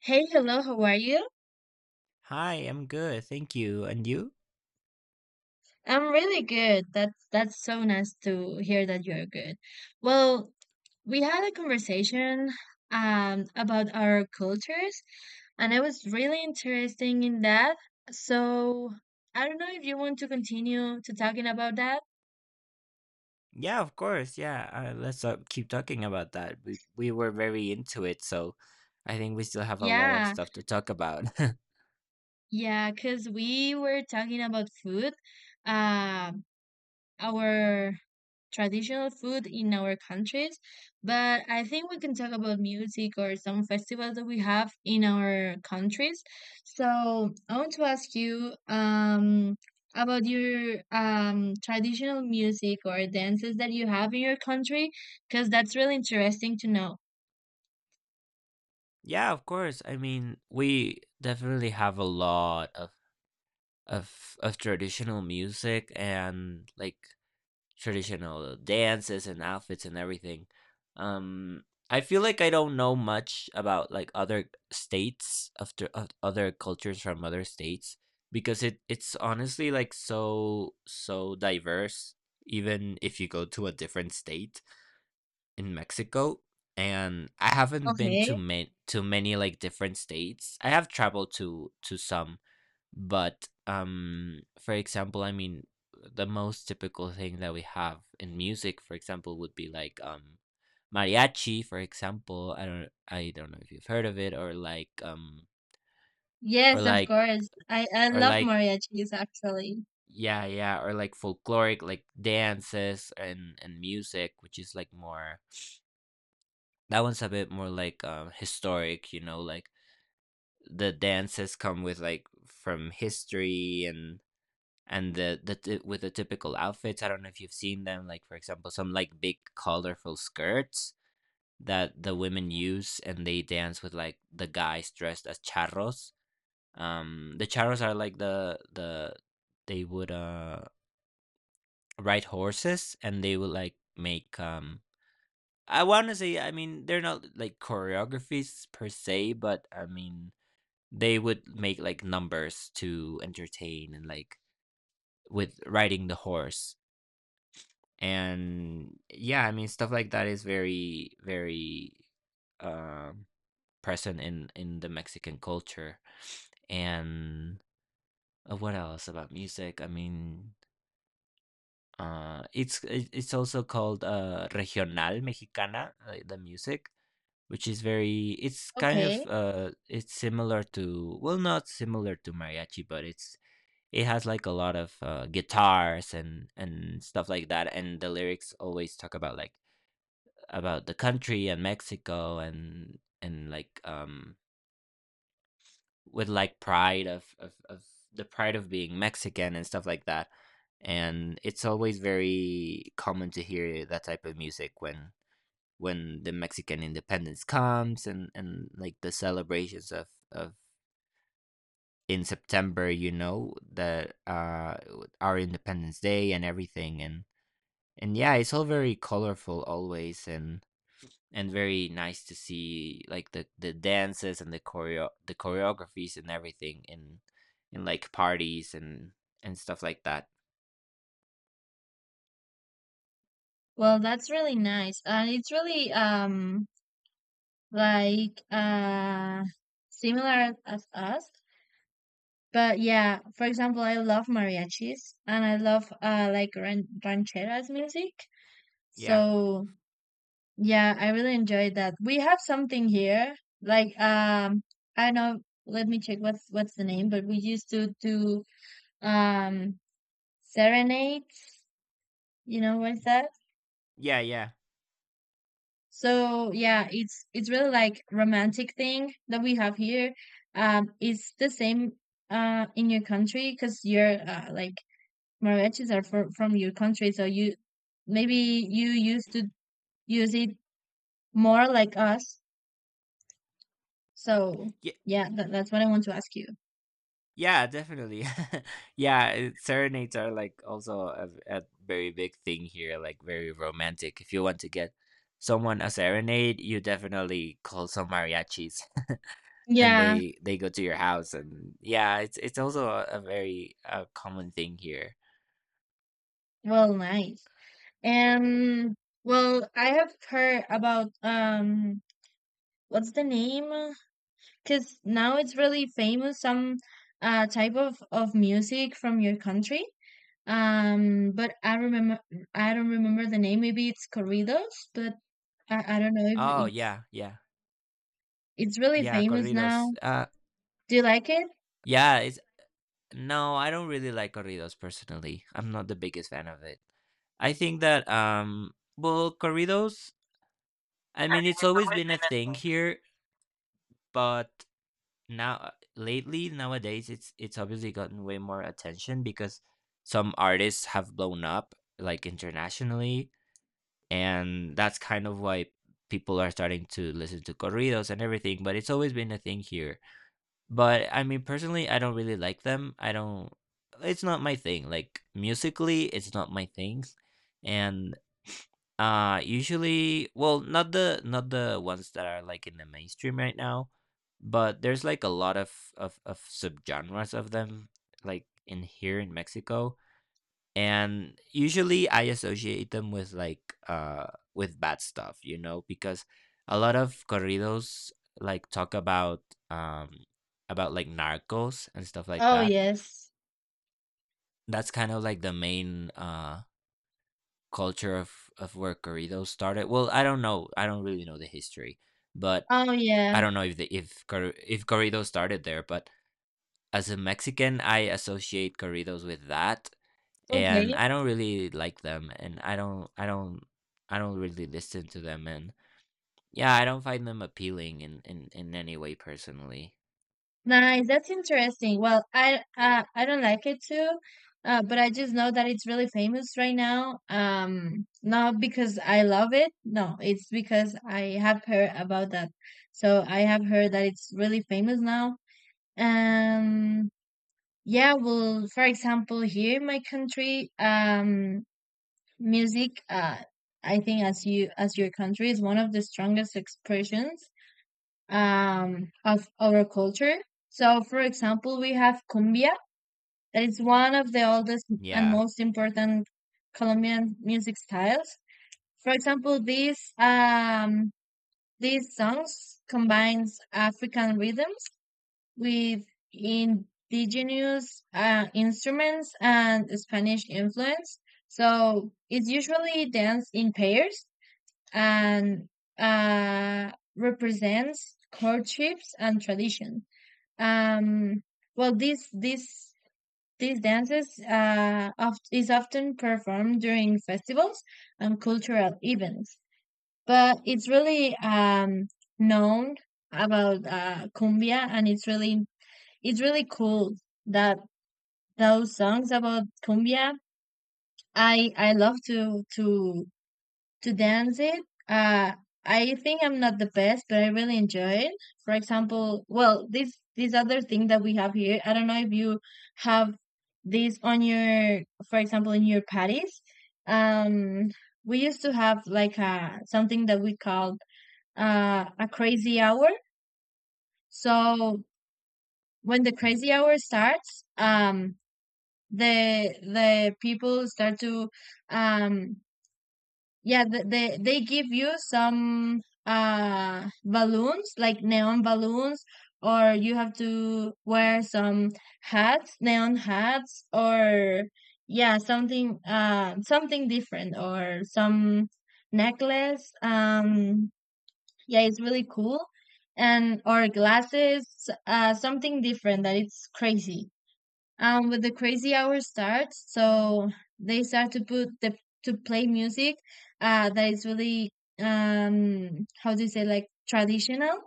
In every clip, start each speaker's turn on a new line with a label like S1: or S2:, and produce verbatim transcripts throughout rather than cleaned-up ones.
S1: Hey, hello, how are you?
S2: Hi, I'm good. Thank you. And you?
S1: I'm really good. That's that's so nice to hear that you're good. Well, we had a conversation um about our cultures, and I was really interested in that. So I don't know if you want to continue to talking about that.
S2: Yeah, of course. Yeah, uh, let's uh, keep talking about that. We we were very into it, so I think we still have a lot of
S1: Yeah,
S2: stuff to talk about.
S1: yeah, because we were talking about food. Um our traditional food in our countries, but I think we can talk about music or some festivals that we have in our countries. So I want to ask you um, about your um, traditional music or dances that you have in your country, because that's really interesting to know.
S2: Yeah, of course. I mean, we definitely have a lot of of of traditional music and like traditional dances and outfits and everything. Um, I feel like I don't know much about like other states of the- of other cultures from other states, because it it's honestly like so so diverse even if you go to a different state in Mexico, and I haven't been to
S1: Okay.
S2: many to many like different states. I have traveled to to some. But um, for example, I mean, the most typical thing that we have in music, for example, would be like um, mariachi. For example, I don't, I don't know if you've heard of it, or like um, or
S1: Yes, of
S2: like
S1: course. I, I
S2: or
S1: love
S2: like
S1: mariachis actually.
S2: yeah, yeah, or like folkloric like dances and and music, which is like more, that one's a bit more like um historic, you know, like the dances come with, like, from history and and the, the t- with the typical outfits. I don't know if you've seen them, like for example some like big colorful skirts that the women use, and they dance with like the guys dressed as charros. Um the charros are like the the they would uh ride horses, and they would like make, um I want to say, I mean, they're not like choreographies per se, but I mean they would make like numbers to entertain and like with riding the horse. And yeah, I mean stuff like that is very, very um present in in the Mexican culture. And uh, what else about music? I mean, uh it's it- it's also called uh regional mexicana, uh, the music, which is very, it's kind of
S1: Okay.
S2: uh it's similar to, well, not similar to mariachi, but it's it has like a lot of uh, guitars and and stuff like that. And the lyrics always talk about, like, about the country and Mexico and and like um with like pride of of, of the pride of being Mexican and stuff like that. And it's always very common to hear that type of music when when the Mexican independence comes and and like the celebrations of of in September, you know, that uh our Independence Day and everything. And and yeah, it's all very colorful always, and and very nice to see, like, the the dances and the choreo the choreographies and everything in in like parties and and stuff like that.
S1: Well, that's really nice. And it's really um like uh similar as us, but yeah, for example, I love mariachis and I love uh like ran- rancheras music.
S2: Yeah.
S1: So yeah, I really enjoyed that we have something here, like, um I don't know, let me check what's what's the name, but we used to do um serenades, you know what's that?
S2: Yeah, yeah.
S1: So yeah, it's it's really like romantic thing that we have here. Um, it's the same uh in your country because your uh, like mariachis are for, from your country, so you maybe you used to use it more like us. So
S2: Yeah,
S1: yeah, that, that's what I want to ask you.
S2: yeah, definitely. Yeah, it- serenades are like also a, a very big thing here, like very romantic. If you want to get someone a serenade, you definitely call some mariachis. And
S1: Yeah,
S2: they they go to your house, and yeah, it's it's also a, a very uh, common thing here.
S1: well, nice. And well, I have heard about, um, what's the name? Because now it's really famous, some uh, type of, of music from your country. Um, but I remember, I don't remember the name. Maybe it's corridos, but I, I don't know if
S2: Oh,
S1: it's
S2: yeah, yeah.
S1: it's really
S2: Yeah,
S1: famous
S2: corridos.
S1: now.
S2: Uh,
S1: Do you like it?
S2: yeah, it's no, I don't really like corridos personally. I'm not the biggest fan of it. I think that, um, well, corridos. I mean, it's always been a thing here, but now lately, nowadays, it's it's obviously gotten way more attention because some artists have blown up like internationally, and that's kind of why people are starting to listen to corridos and everything. But it's always been a thing here. But I mean, personally, I don't really like them. I don't. It's not my thing. Like, musically, it's not my things. And uh, usually, well, not the not the ones that are like in the mainstream right now, but there's like a lot of of of subgenres of them, like in here in Mexico. And usually I associate them with, like, uh with bad stuff, you know because a lot of corridos, like, talk about um about, like, narcos and stuff like
S1: Oh
S2: that.
S1: yes.
S2: That's kind of like the main uh culture of of where corridos started. Well, I don't know, I don't really know the history, but
S1: Oh yeah.
S2: I don't know if the if cor- if corridos started there. But as a Mexican, I associate corridos with that,
S1: Okay.
S2: and I don't really like them, and I don't I don't I don't really listen to them. And yeah, I don't find them appealing in in, in any way personally.
S1: Nice, that's interesting. Well, I uh, I don't like it too, uh, but I just know that it's really famous right now. Um, not because I love it, no, it's because I have heard about that. So I have heard that it's really famous now. Um, yeah, well, for example, here in my country, um, music, uh, I think as you as your country is one of the strongest expressions um, of our culture. So, for example, we have cumbia, that is one of the oldest and
S2: Yeah.
S1: most important Colombian music styles. For example, these um, these songs combines African rhythms with indigenous uh, instruments and Spanish influence. So it's usually danced in pairs, and uh, represents courtships and tradition. Um, well, these these these dances uh, oft, is often performed during festivals and cultural events, but it's really um, known about uh, cumbia, and it's really it's really cool that those songs about cumbia. I I love to to to dance it. Uh, I think I'm not the best, but I really enjoy it. For example, well, this this other thing that we have here, I don't know if you have this on your, for example, in your patties. Um, we used to have like a something that we called uh, a crazy hour. So when the
S2: Mm,
S1: crazy hour starts, um, the the people start to um. Yeah, th- they they give you some uh balloons, like neon balloons, or you have to wear some hats, neon hats, or yeah, something uh something different or some necklace. Um, yeah, it's really cool. And or glasses, uh something different that it's crazy um when the crazy hour starts. So they start to put the to play music uh that is really, um how do you say, like traditional,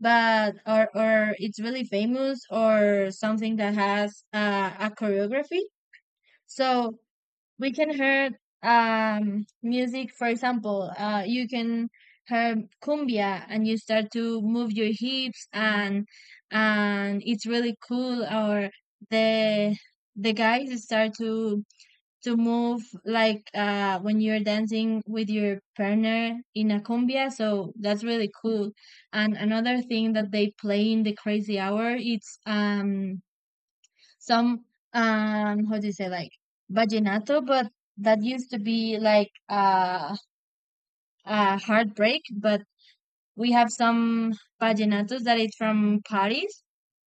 S1: but or or it's really famous or something that has uh, a choreography. So we can hear um music, for example, uh you can hear cumbia and you start to move your hips, and and it's really cool. Or the the guys start to to move like uh when you're dancing with your partner in a cumbia, so that's really cool. And another thing that they play in the crazy hour, it's um some, um how do you say, like vallenato, but that used to be like uh, a heartbreak. But we have some vallenatos that it's from Paris,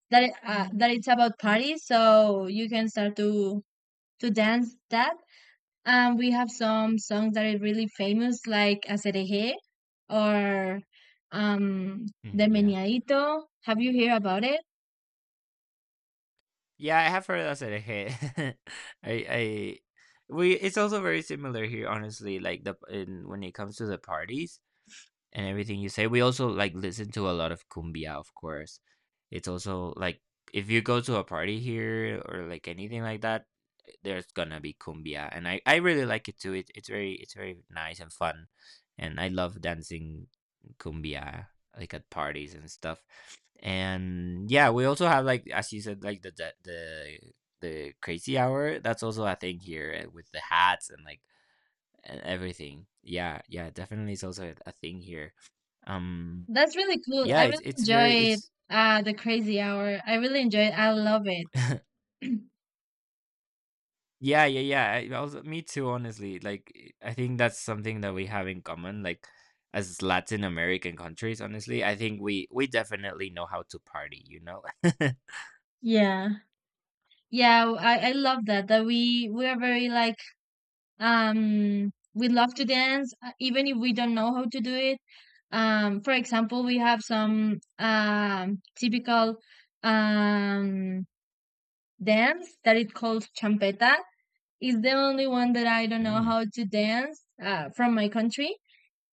S1: that it, uh, that it's about Paris, so you can start to to dance that. And we have some songs that are really famous like Acerejé or, um, The
S2: mhm, yeah.
S1: Meñadito. Have you heard about it?
S2: Yeah, I have heard of that hit. I I we it's also very similar here, honestly, like, the in when it comes to the parties and everything you say. We also like listen to a lot of cumbia, of course. It's also like, if you go to a party here or like anything like that, there's gonna be cumbia, and I I really like it too. It, it's very it's very nice and fun, and I love dancing cumbia like at parties and stuff. And yeah, we also have, like, as you said, like the the the, the crazy hour. That's also a thing here, eh, with the hats and, like, and everything. Yeah, yeah, definitely, it's also a a thing here. Um
S1: That's really cool.
S2: yeah,
S1: I really
S2: it's it's very
S1: enjoyed
S2: it's
S1: uh the crazy hour. I really enjoy it. I love it.
S2: yeah, yeah, yeah. I also, me too, honestly. Like, eh, I think that's something that we have in common, like, as Latin American countries, honestly. I think we we definitely know how to party, you know.
S1: Yeah. Yeah, w- I, I love that that we we are very like, um we love to dance uh, even if we don't know how to do it. Um, for example, we have some um typical um dance that it called champeta. It's the only one that I don't know
S2: Mm.
S1: how to dance uh from my country.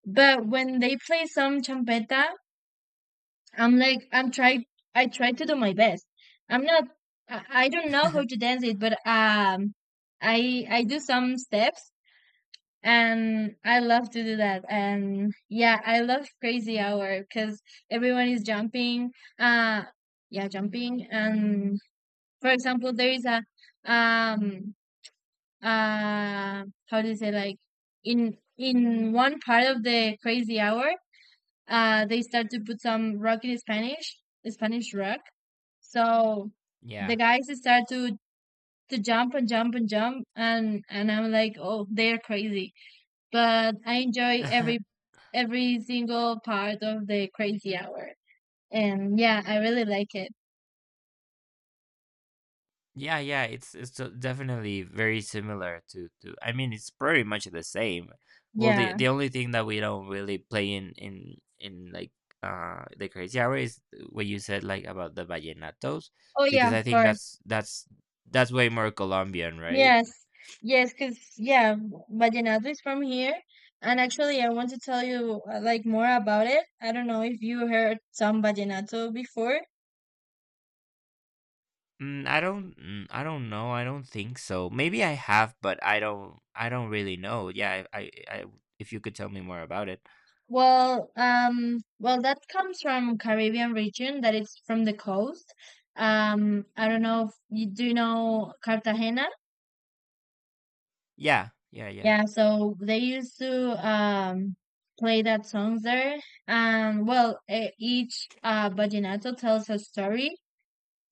S1: But when they play some champeta, I'm like I'm trying, I try to do my best. I'm not I, I don't know how to dance it, but um, I I do some steps, and I love to do that. And yeah, I love crazy hour because everyone is jumping. Uh yeah, jumping. And for example, there is a, um uh how do you say, like in in one part of the crazy hour uh they start to put some rock in Spanish, Spanish rock. So the
S2: Yeah.
S1: guys start to to jump and jump and jump, and and I'm like, oh, they're crazy. But I enjoy every every single part of the crazy hour. And yeah, I really like it.
S2: Yeah, yeah, it's it's de- definitely very similar to to. I mean, it's pretty much the same. Well, the
S1: Yeah.
S2: the only thing that we don't really play in in in, like, uh the crazy hour is what you said, like, about the vallenatos,
S1: Oh yeah,
S2: because
S1: of
S2: I think
S1: course.
S2: that's that's that's way more Colombian, right?
S1: Yes. Yes, because yeah, Vallenato is from here. And actually, I want to tell you uh, like more about it. I don't know if you heard some Vallenato before.
S2: Mm, I don't mm, I don't know. I don't think so. Maybe I have, but I don't I don't really know. Yeah, I I, I if you could tell me more about it.
S1: Well, um, well, that comes from Caribbean region, that it's from the coast. Um, I don't know if you do you know Cartagena.
S2: Yeah, yeah, yeah.
S1: Yeah, so they used to um play that songs there. And well, e- each uh vallenato tells a story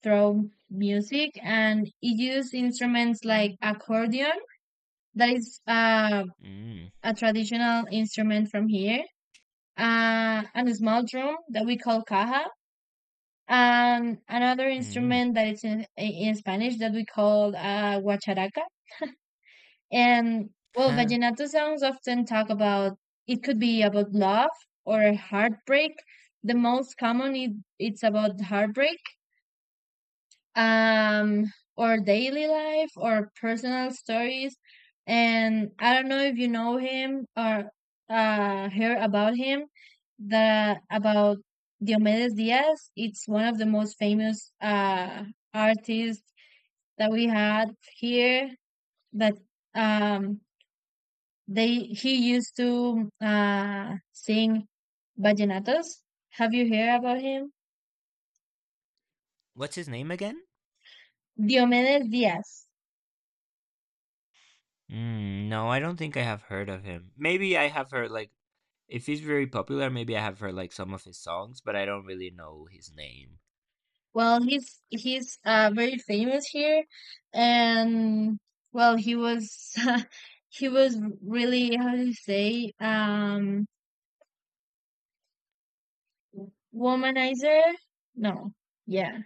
S1: through music, and it used instruments like accordion, that is uh
S2: Mm,
S1: a traditional instrument from here, uh, and a small drum that we call caja, and another
S2: mm.
S1: instrument that is in, in Spanish that we call uh, guacharaca. And well, vallenato songs often talk about, it could be about love or heartbreak. The most common it, it's about heartbreak, um, or daily life or personal stories. And I don't know if you know him or uh hear about him, the about Diomedes Diaz. It's one of the most famous uh artists that we had here, that um they he used to uh sing vallenatos. Have you heard about him?
S2: What's his name again?
S1: Diomedes Diaz.
S2: Mm, no, I don't think I have heard of him. Maybe I have heard, like, if he's very popular, maybe I have heard, like, some of his songs, but I don't really know his name.
S1: Well, he's he's uh very famous here, and well, he was he was really, how do you say, um, womanizer? No, yeah,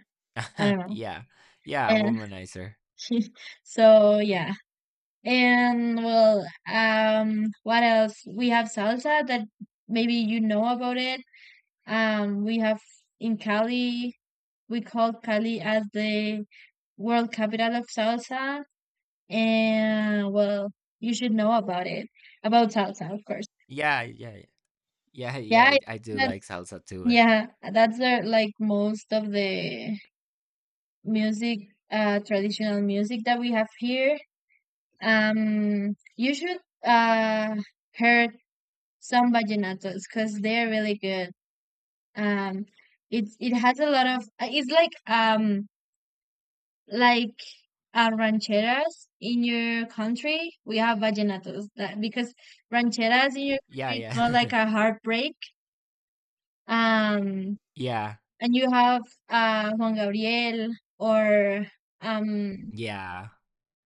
S1: I don't know.
S2: Yeah, yeah,
S1: And
S2: Womanizer.
S1: so yeah, and well, um, what else? We have salsa that maybe you know about it. Um, we have in Cali, we call Cali as the world capital of salsa. And well, you should know about it. About salsa, of course.
S2: Yeah, yeah, yeah, yeah.
S1: Yeah, I-
S2: I
S1: think
S2: I do like
S1: that's
S2: salsa too, and
S1: yeah, that's the like most of the music, uh, traditional music that we have here. Um, you should uh heard some vallenatos because they're really good. Um, it's it has a lot of uh, it's like um like uh, rancheras in your country, we have vallenatos. That because rancheras in your country
S2: yeah,
S1: it's more like
S2: yeah,
S1: a heartbreak. Um,
S2: yeah,
S1: and you have uh, Juan Gabriel or, um,
S2: yeah,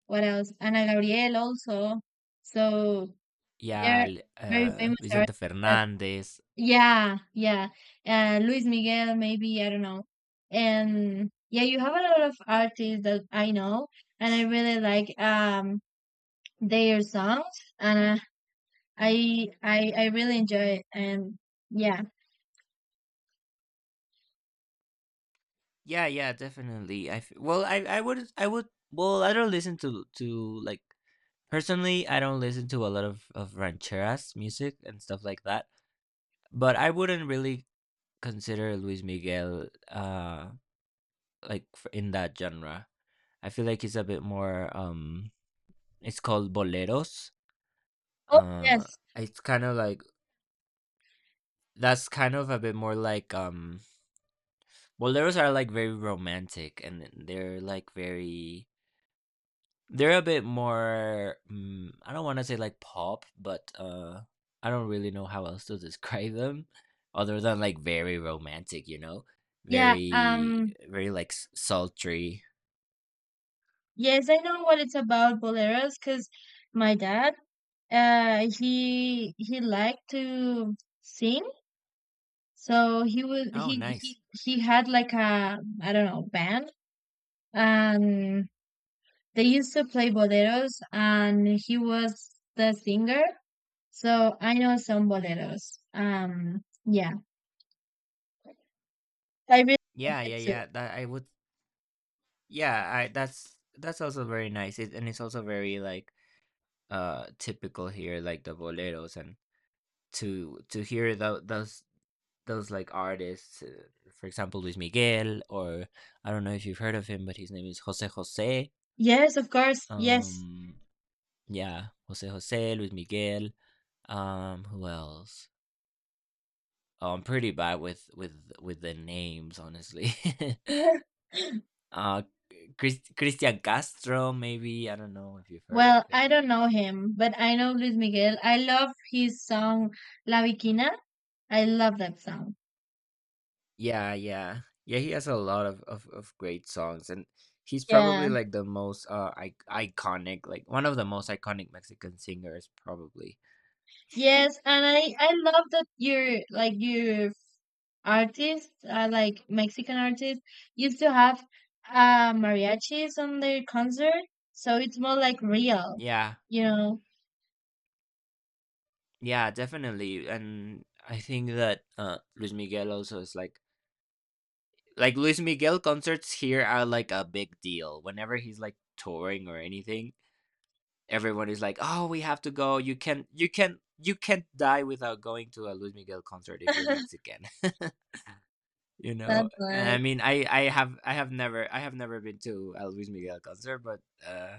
S1: what else? Ana Gabriel also. So
S2: yeah.
S1: they're
S2: l-
S1: very
S2: Uh,
S1: famous
S2: Vicente
S1: artists. That,
S2: Fernandez.
S1: yeah, yeah. Uh, Luis Miguel, maybe I don't know. And yeah, you have a lot of artists that I know and I really like. Um, their songs, and uh, I I I really enjoy it, and yeah.
S2: Yeah, yeah, definitely. I f- well, I I would I would well, I don't listen to to, like, personally. I don't listen to a lot of of rancheras music and stuff like that. But I wouldn't really consider Luis Miguel uh like f- in that genre. I feel like he's a bit more, um it's called boleros.
S1: Oh
S2: Uh
S1: yes.
S2: it's kind of like, that's kind of a bit more, like, um boleros are like very romantic, and they're like very. They're a bit more, mm, I don't wanna say like pop, but, uh, I don't really know how else to describe them other than, like, very romantic, you know?
S1: Yeah,
S2: Very,
S1: um,
S2: very, like, s sultry.
S1: yes, I know what it's about boleros because my dad uh he he liked to sing. So he would
S2: Oh,
S1: he
S2: nice.
S1: he he had like a, I don't know, band, and they used to play boleros and he was the singer. So I know some boleros. Um, yeah. I really like
S2: Yeah,
S1: it
S2: yeah,
S1: too.
S2: yeah, that I would yeah, I that's that's also very nice, it and it's also very, like, uh, typical here, like the boleros, and to to hear tho those those, like, artists, uh, for example, Luis Miguel, or, I don't know if you've heard of him, but his name is Jose Jose.
S1: Yes, of course. Yes.
S2: Um, yeah, Jose Jose, Luis Miguel. Um, who else? Oh, I'm pretty bad with with with the names, honestly. uh, Chris, Christian Castro, maybe, I don't know if you've heard of
S1: Well,
S2: him.
S1: I don't know him, but I know Luis Miguel. I love his song La Bikina. I love that song.
S2: Yeah, yeah. Yeah, he has a lot of, of, of great songs, and he's
S1: Yeah.
S2: probably like the most uh I- iconic, like one of the most iconic Mexican singers probably.
S1: Yes, and I I love that your like your artists, uh, like Mexican artists, used to have uh mariachis on their concert, so it's more like real,
S2: Yeah.
S1: you know.
S2: Yeah, definitely. And I think that uh Luis Miguel also is like like Luis Miguel concerts here are like a big deal. Whenever he's like touring or anything, everyone is like, "Oh, we have to go. You can you can you can't die without going to a Luis Miguel concert if you're Mexican." You
S1: That's
S2: know, and I
S1: nice.
S2: mean, I I have I have never I have never been to a Luis Miguel concert, but uh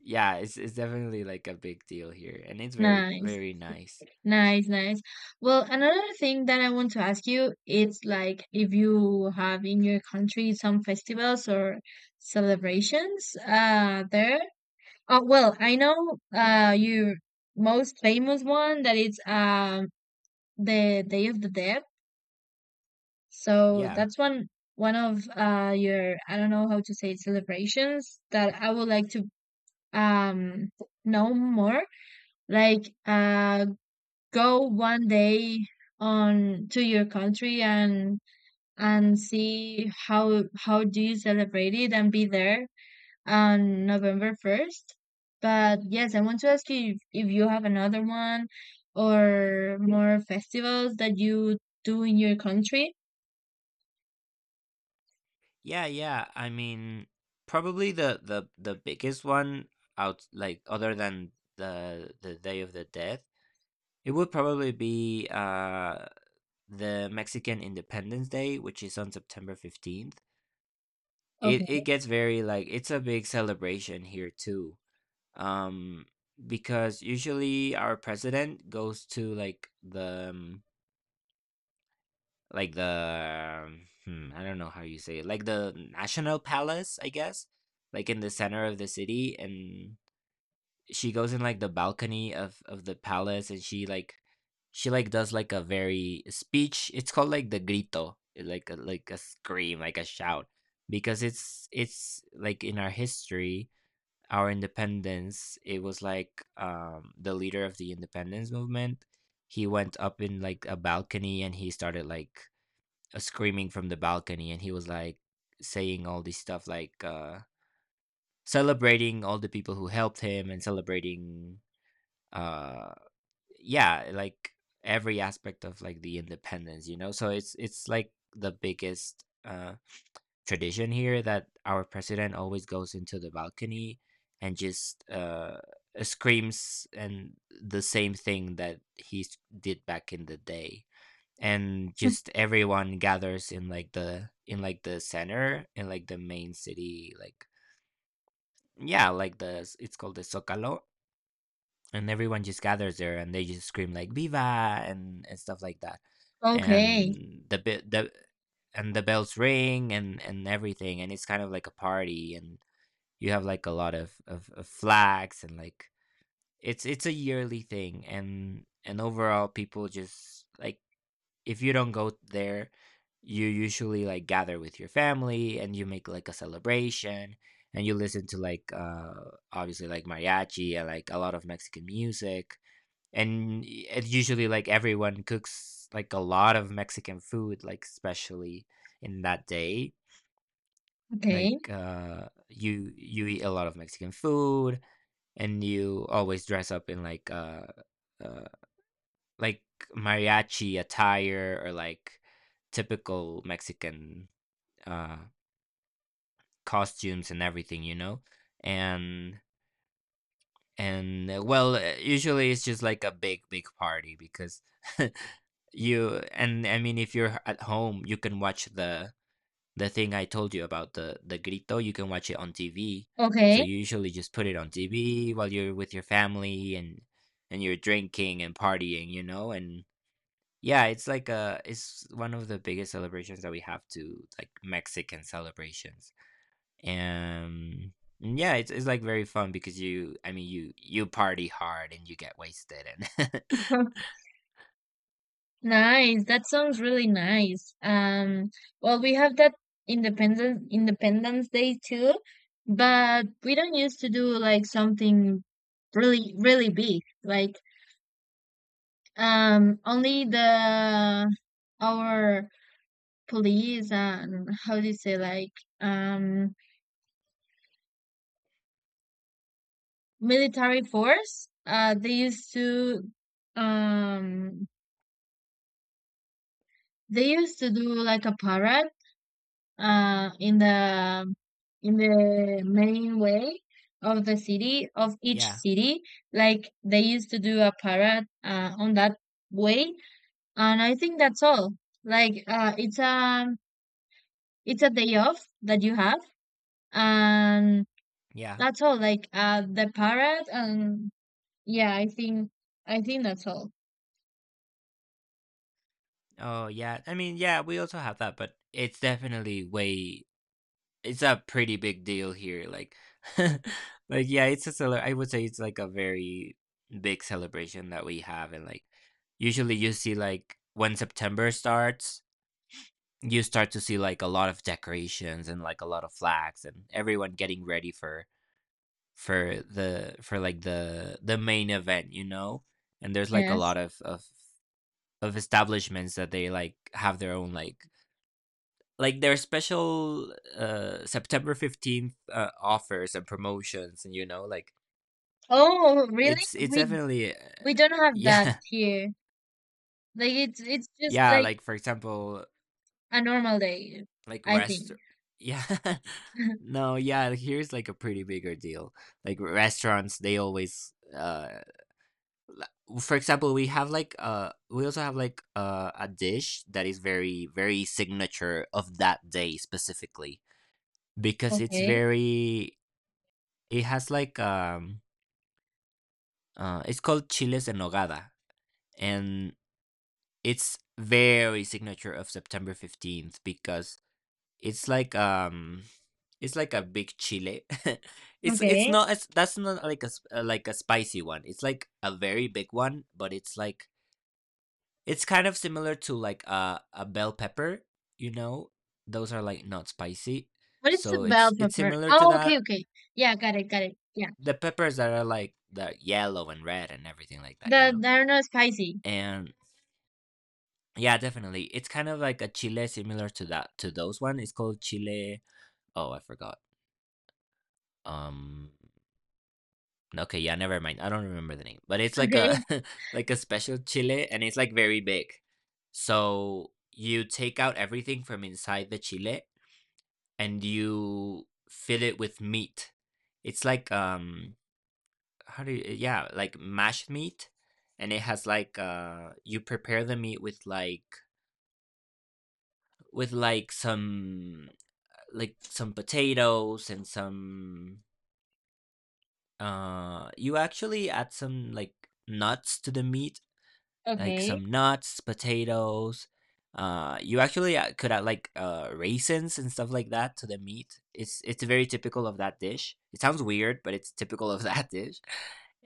S2: yeah, it's it's definitely like a big deal here, and it's very,
S1: Nice.
S2: very nice.
S1: Nice, nice. Well, another thing that I want to ask you, it's like if you have in your country some festivals or celebrations uh there. Uh, well, I know uh your most famous one that is, um the Day of the Dead. So
S2: Yeah.
S1: that's one one of uh your, I don't know how to say it, celebrations that I would like to, um know more, like uh go one day on to your country and and see how how do you celebrate it and be there on November first. But yes, I want to ask you if, if you have another one or more festivals that you do in your country.
S2: Yeah, yeah. I mean, probably the the the biggest one out, like, other than the the Day of the Dead, it would probably be uh the Mexican Independence Day, which is on September fifteenth. It it
S1: Okay.
S2: gets very, like, it's a big celebration here too. Um because usually our president goes to, like, the um, like the um, hmm, I don't know how you say it, like the national palace, I guess, like in the center of the city, and she goes in like the balcony of of the palace, and she like, she like does like a very speech. It's called like the grito, eh, like a, like a scream, like a shout, because it's it's like in our history. Our independence, it was like um the leader of the independence movement, he went up in like a balcony and he started like uh, screaming from the balcony, and he was like saying all this stuff, like uh celebrating all the people who helped him, and celebrating, uh yeah, like every aspect of like the independence, you know. So it's it's like the biggest uh tradition here, that our president always goes into the balcony and just uh screams, and the same thing that he s- did back in the day, and just everyone gathers in like the, in like the center, in like the main city, like yeah, like the, it's called the zocalo, and everyone just gathers there and they just scream like "Viva" and, and stuff like that,
S1: Okay.
S2: and the bit the and the bells ring and and everything, and it's kind of like a party, and you have like a lot of of, of flags, and like it's it's a yearly thing, and and overall people just like, if you don't go there, you usually like gather with your family and you make like a celebration, and you listen to like uh obviously like mariachi and like a lot of Mexican music, and y- it usually, like everyone cooks like a lot of Mexican food, like especially in that day, like
S1: Okay.
S2: uh you you eat a lot of Mexican food, and you always dress up in like uh, uh like mariachi attire, or like typical Mexican uh costumes and everything, you know. And and uh, well, uh, usually it's just like a big big party because You and I mean, if you're at home, you can watch the the thing I told you about, the the grito. You can watch it on T V. So
S1: Okay.
S2: you usually just put it on T V while you're with your family, and and you're drinking and partying, you know. And yeah, it's like a it's one of the biggest celebrations that we have to, like Mexican celebrations. And yeah, it's it's like very fun because you I mean, you you party hard and you get wasted, and
S1: Nice. That sounds really nice. Um, well, we have that Independence Independence Day too, but we don't used to do like something really really big. Like, um, only the our police and, how do you say, like um military force. Uh, they used to um they used to do like a parade uh, in the in the main way of the city, of each
S2: yeah,
S1: city, like they used to do a parade uh, on that way. And I think that's all, like uh, it's a, it's a day off that you have, and
S2: yeah.
S1: that's all, like uh, the parade. And yeah, i think I think that's all.
S2: Oh yeah, I mean, yeah, we also have that, but it's definitely way, it's a pretty big deal here. Like, like yeah, it's a cele- I would say it's like a very big celebration that we have, and like usually you see, like, when September starts, you start to see like a lot of decorations and like a lot of flags, and everyone getting ready for for the, for like the the main event, you know. And there's like a
S1: Yes.
S2: lot of of of establishments that they like have their own, like like their special uh September fifteenth uh, offers and promotions, and you know like
S1: Oh really,
S2: it's it's
S1: we
S2: definitely uh,
S1: we don't have that
S2: yeah.
S1: here, like it's it's just
S2: Yeah,
S1: like
S2: like for example,
S1: a normal day,
S2: like
S1: I think.
S2: rest, yeah. No, yeah, here's like a pretty bigger deal. Like restaurants, they always uh l- for example, we have like uh we also have like, uh, a dish that is very very signature of that day specifically, because it's
S1: Okay,
S2: very, it has like um Uh, it's called Chiles en Nogada, and it's very signature of September fifteenth because it's like um it's like a big chile. it's it's
S1: okay.
S2: not it's, that's not like a s- uh, like a spicy one. It's like a very big one, but it's like it's kind of similar to like a a bell pepper, you know? Those are like not spicy.
S1: What is the
S2: So
S1: bell
S2: it's it's
S1: pepper?
S2: similar to
S1: Oh, okay,
S2: that.
S1: okay. Yeah, got it, got it. Yeah.
S2: The peppers that are like the yellow and red and everything like
S1: The
S2: that, you
S1: I
S2: know?
S1: don't know spicy.
S2: And yeah, definitely. It's kind of like a chile similar to that, to those one. It's called chile. Oh, I forgot. Um. Okay, yeah, never mind, I don't remember the name, but it's like
S1: Okay.
S2: a like a special chile, and it's like very big. So you take out everything from inside the chile, and you fill it with meat. It's like um, how do you? Yeah, like mashed meat, and it has like uh, you prepare the meat with like, with like some, like some potatoes and some uh you actually add some like nuts to the meat, like
S1: Okay.
S2: some nuts, potatoes. Uh, you actually uh, could add like uh raisins and stuff like that to the meat. It's it's very typical of that dish. It sounds weird, but it's typical of that dish.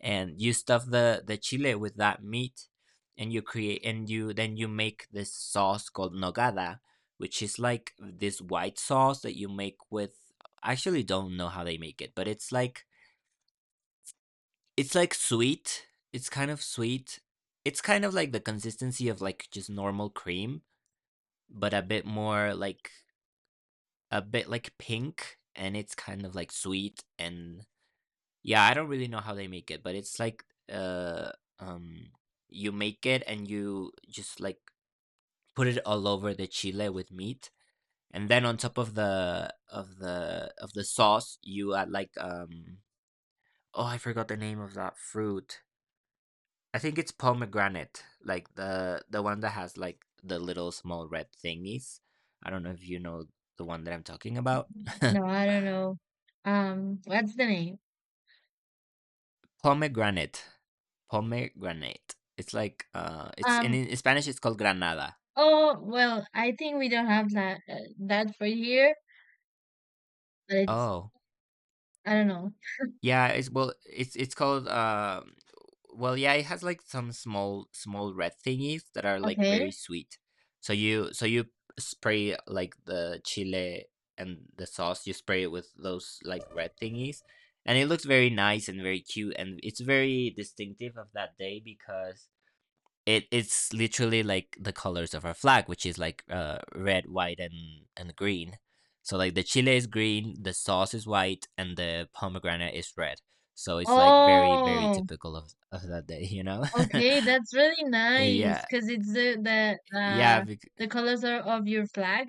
S2: And you stuff the the chile with that meat, and you create, and you then, you make this sauce called nogada, which is like this white sauce that you make with. I actually don't know how they make it, but it's like, it's like sweet. It's kind of sweet. It's kind of like the consistency of like just normal cream, but a bit more like, a bit like pink, and it's kind of like sweet, and yeah, I don't really know how they make it, but it's like uh um you make it, and you just like put it all over the chile with meat, and then on top of the of the of the sauce you add like um oh, I forgot the name of that fruit. I think it's pomegranate, like the the one that has like the little small red thingies. I don't know if you know the one that I'm talking about.
S1: No, I don't know. Um, what's the name?
S2: Pomegranate, pomegranate. It's like uh, it's in,
S1: Um,
S2: in Spanish, it's called granada.
S1: oh, well, I think we don't have that uh, that for here, but it's
S2: Oh,
S1: I don't know.
S2: yeah, it's, well, it's it's called um well, yeah, it has like some small small red thingies that are like
S1: Okay.
S2: very sweet. So you so you spray like the chile and the sauce, you spray it with those like red thingies, and it looks very nice and very cute, and it's very distinctive of that day because it it's literally like the colors of our flag, which is like uh red, white, and and green. So like the chile is green, the sauce is white, and the pomegranate is red. So it's like very very
S1: Oh,
S2: typical of of that day, you know.
S1: okay, that's really nice
S2: Yeah,
S1: because it's the the
S2: yeah,
S1: uh,
S2: bec-
S1: the colors are of your flag.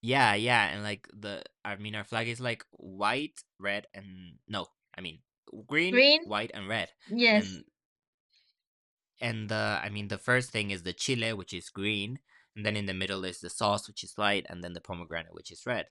S2: yeah, yeah, and like the, I mean, our flag is like white, red, and, no, I mean, green,
S1: Green?
S2: white, and red,
S1: Yes.
S2: and And the, I mean, the first thing is the chile, which is green, and then in the middle is the sauce, which is light, and then the pomegranate, which is red.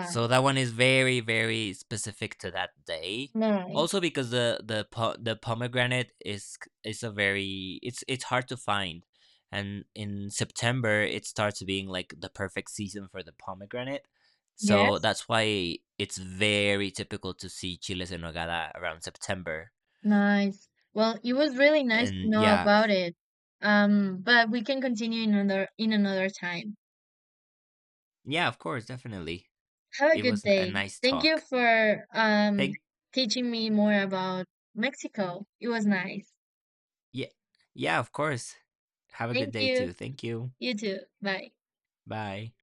S2: So that one is very, very specific to that day.
S1: Nice.
S2: Also, because the the po- the pomegranate is is a very, it's it's hard to find, and in September it starts being like the perfect season for the pomegranate. So
S1: Yes.
S2: that's why it's very typical to see chiles en nogada around September.
S1: Nice. Well, it was really nice to
S2: And
S1: know
S2: yeah,
S1: about it. Um, but we can continue in another in another time.
S2: yeah, of course, definitely.
S1: Have a
S2: It
S1: good
S2: was a
S1: day.
S2: nice
S1: Thank you
S2: talk.
S1: for um
S2: Thank
S1: teaching me more about Mexico. It was nice.
S2: Yeah, yeah, of course. Have a good
S1: Thank
S2: day
S1: you.
S2: too. Thank you.
S1: You too. Bye.
S2: Bye.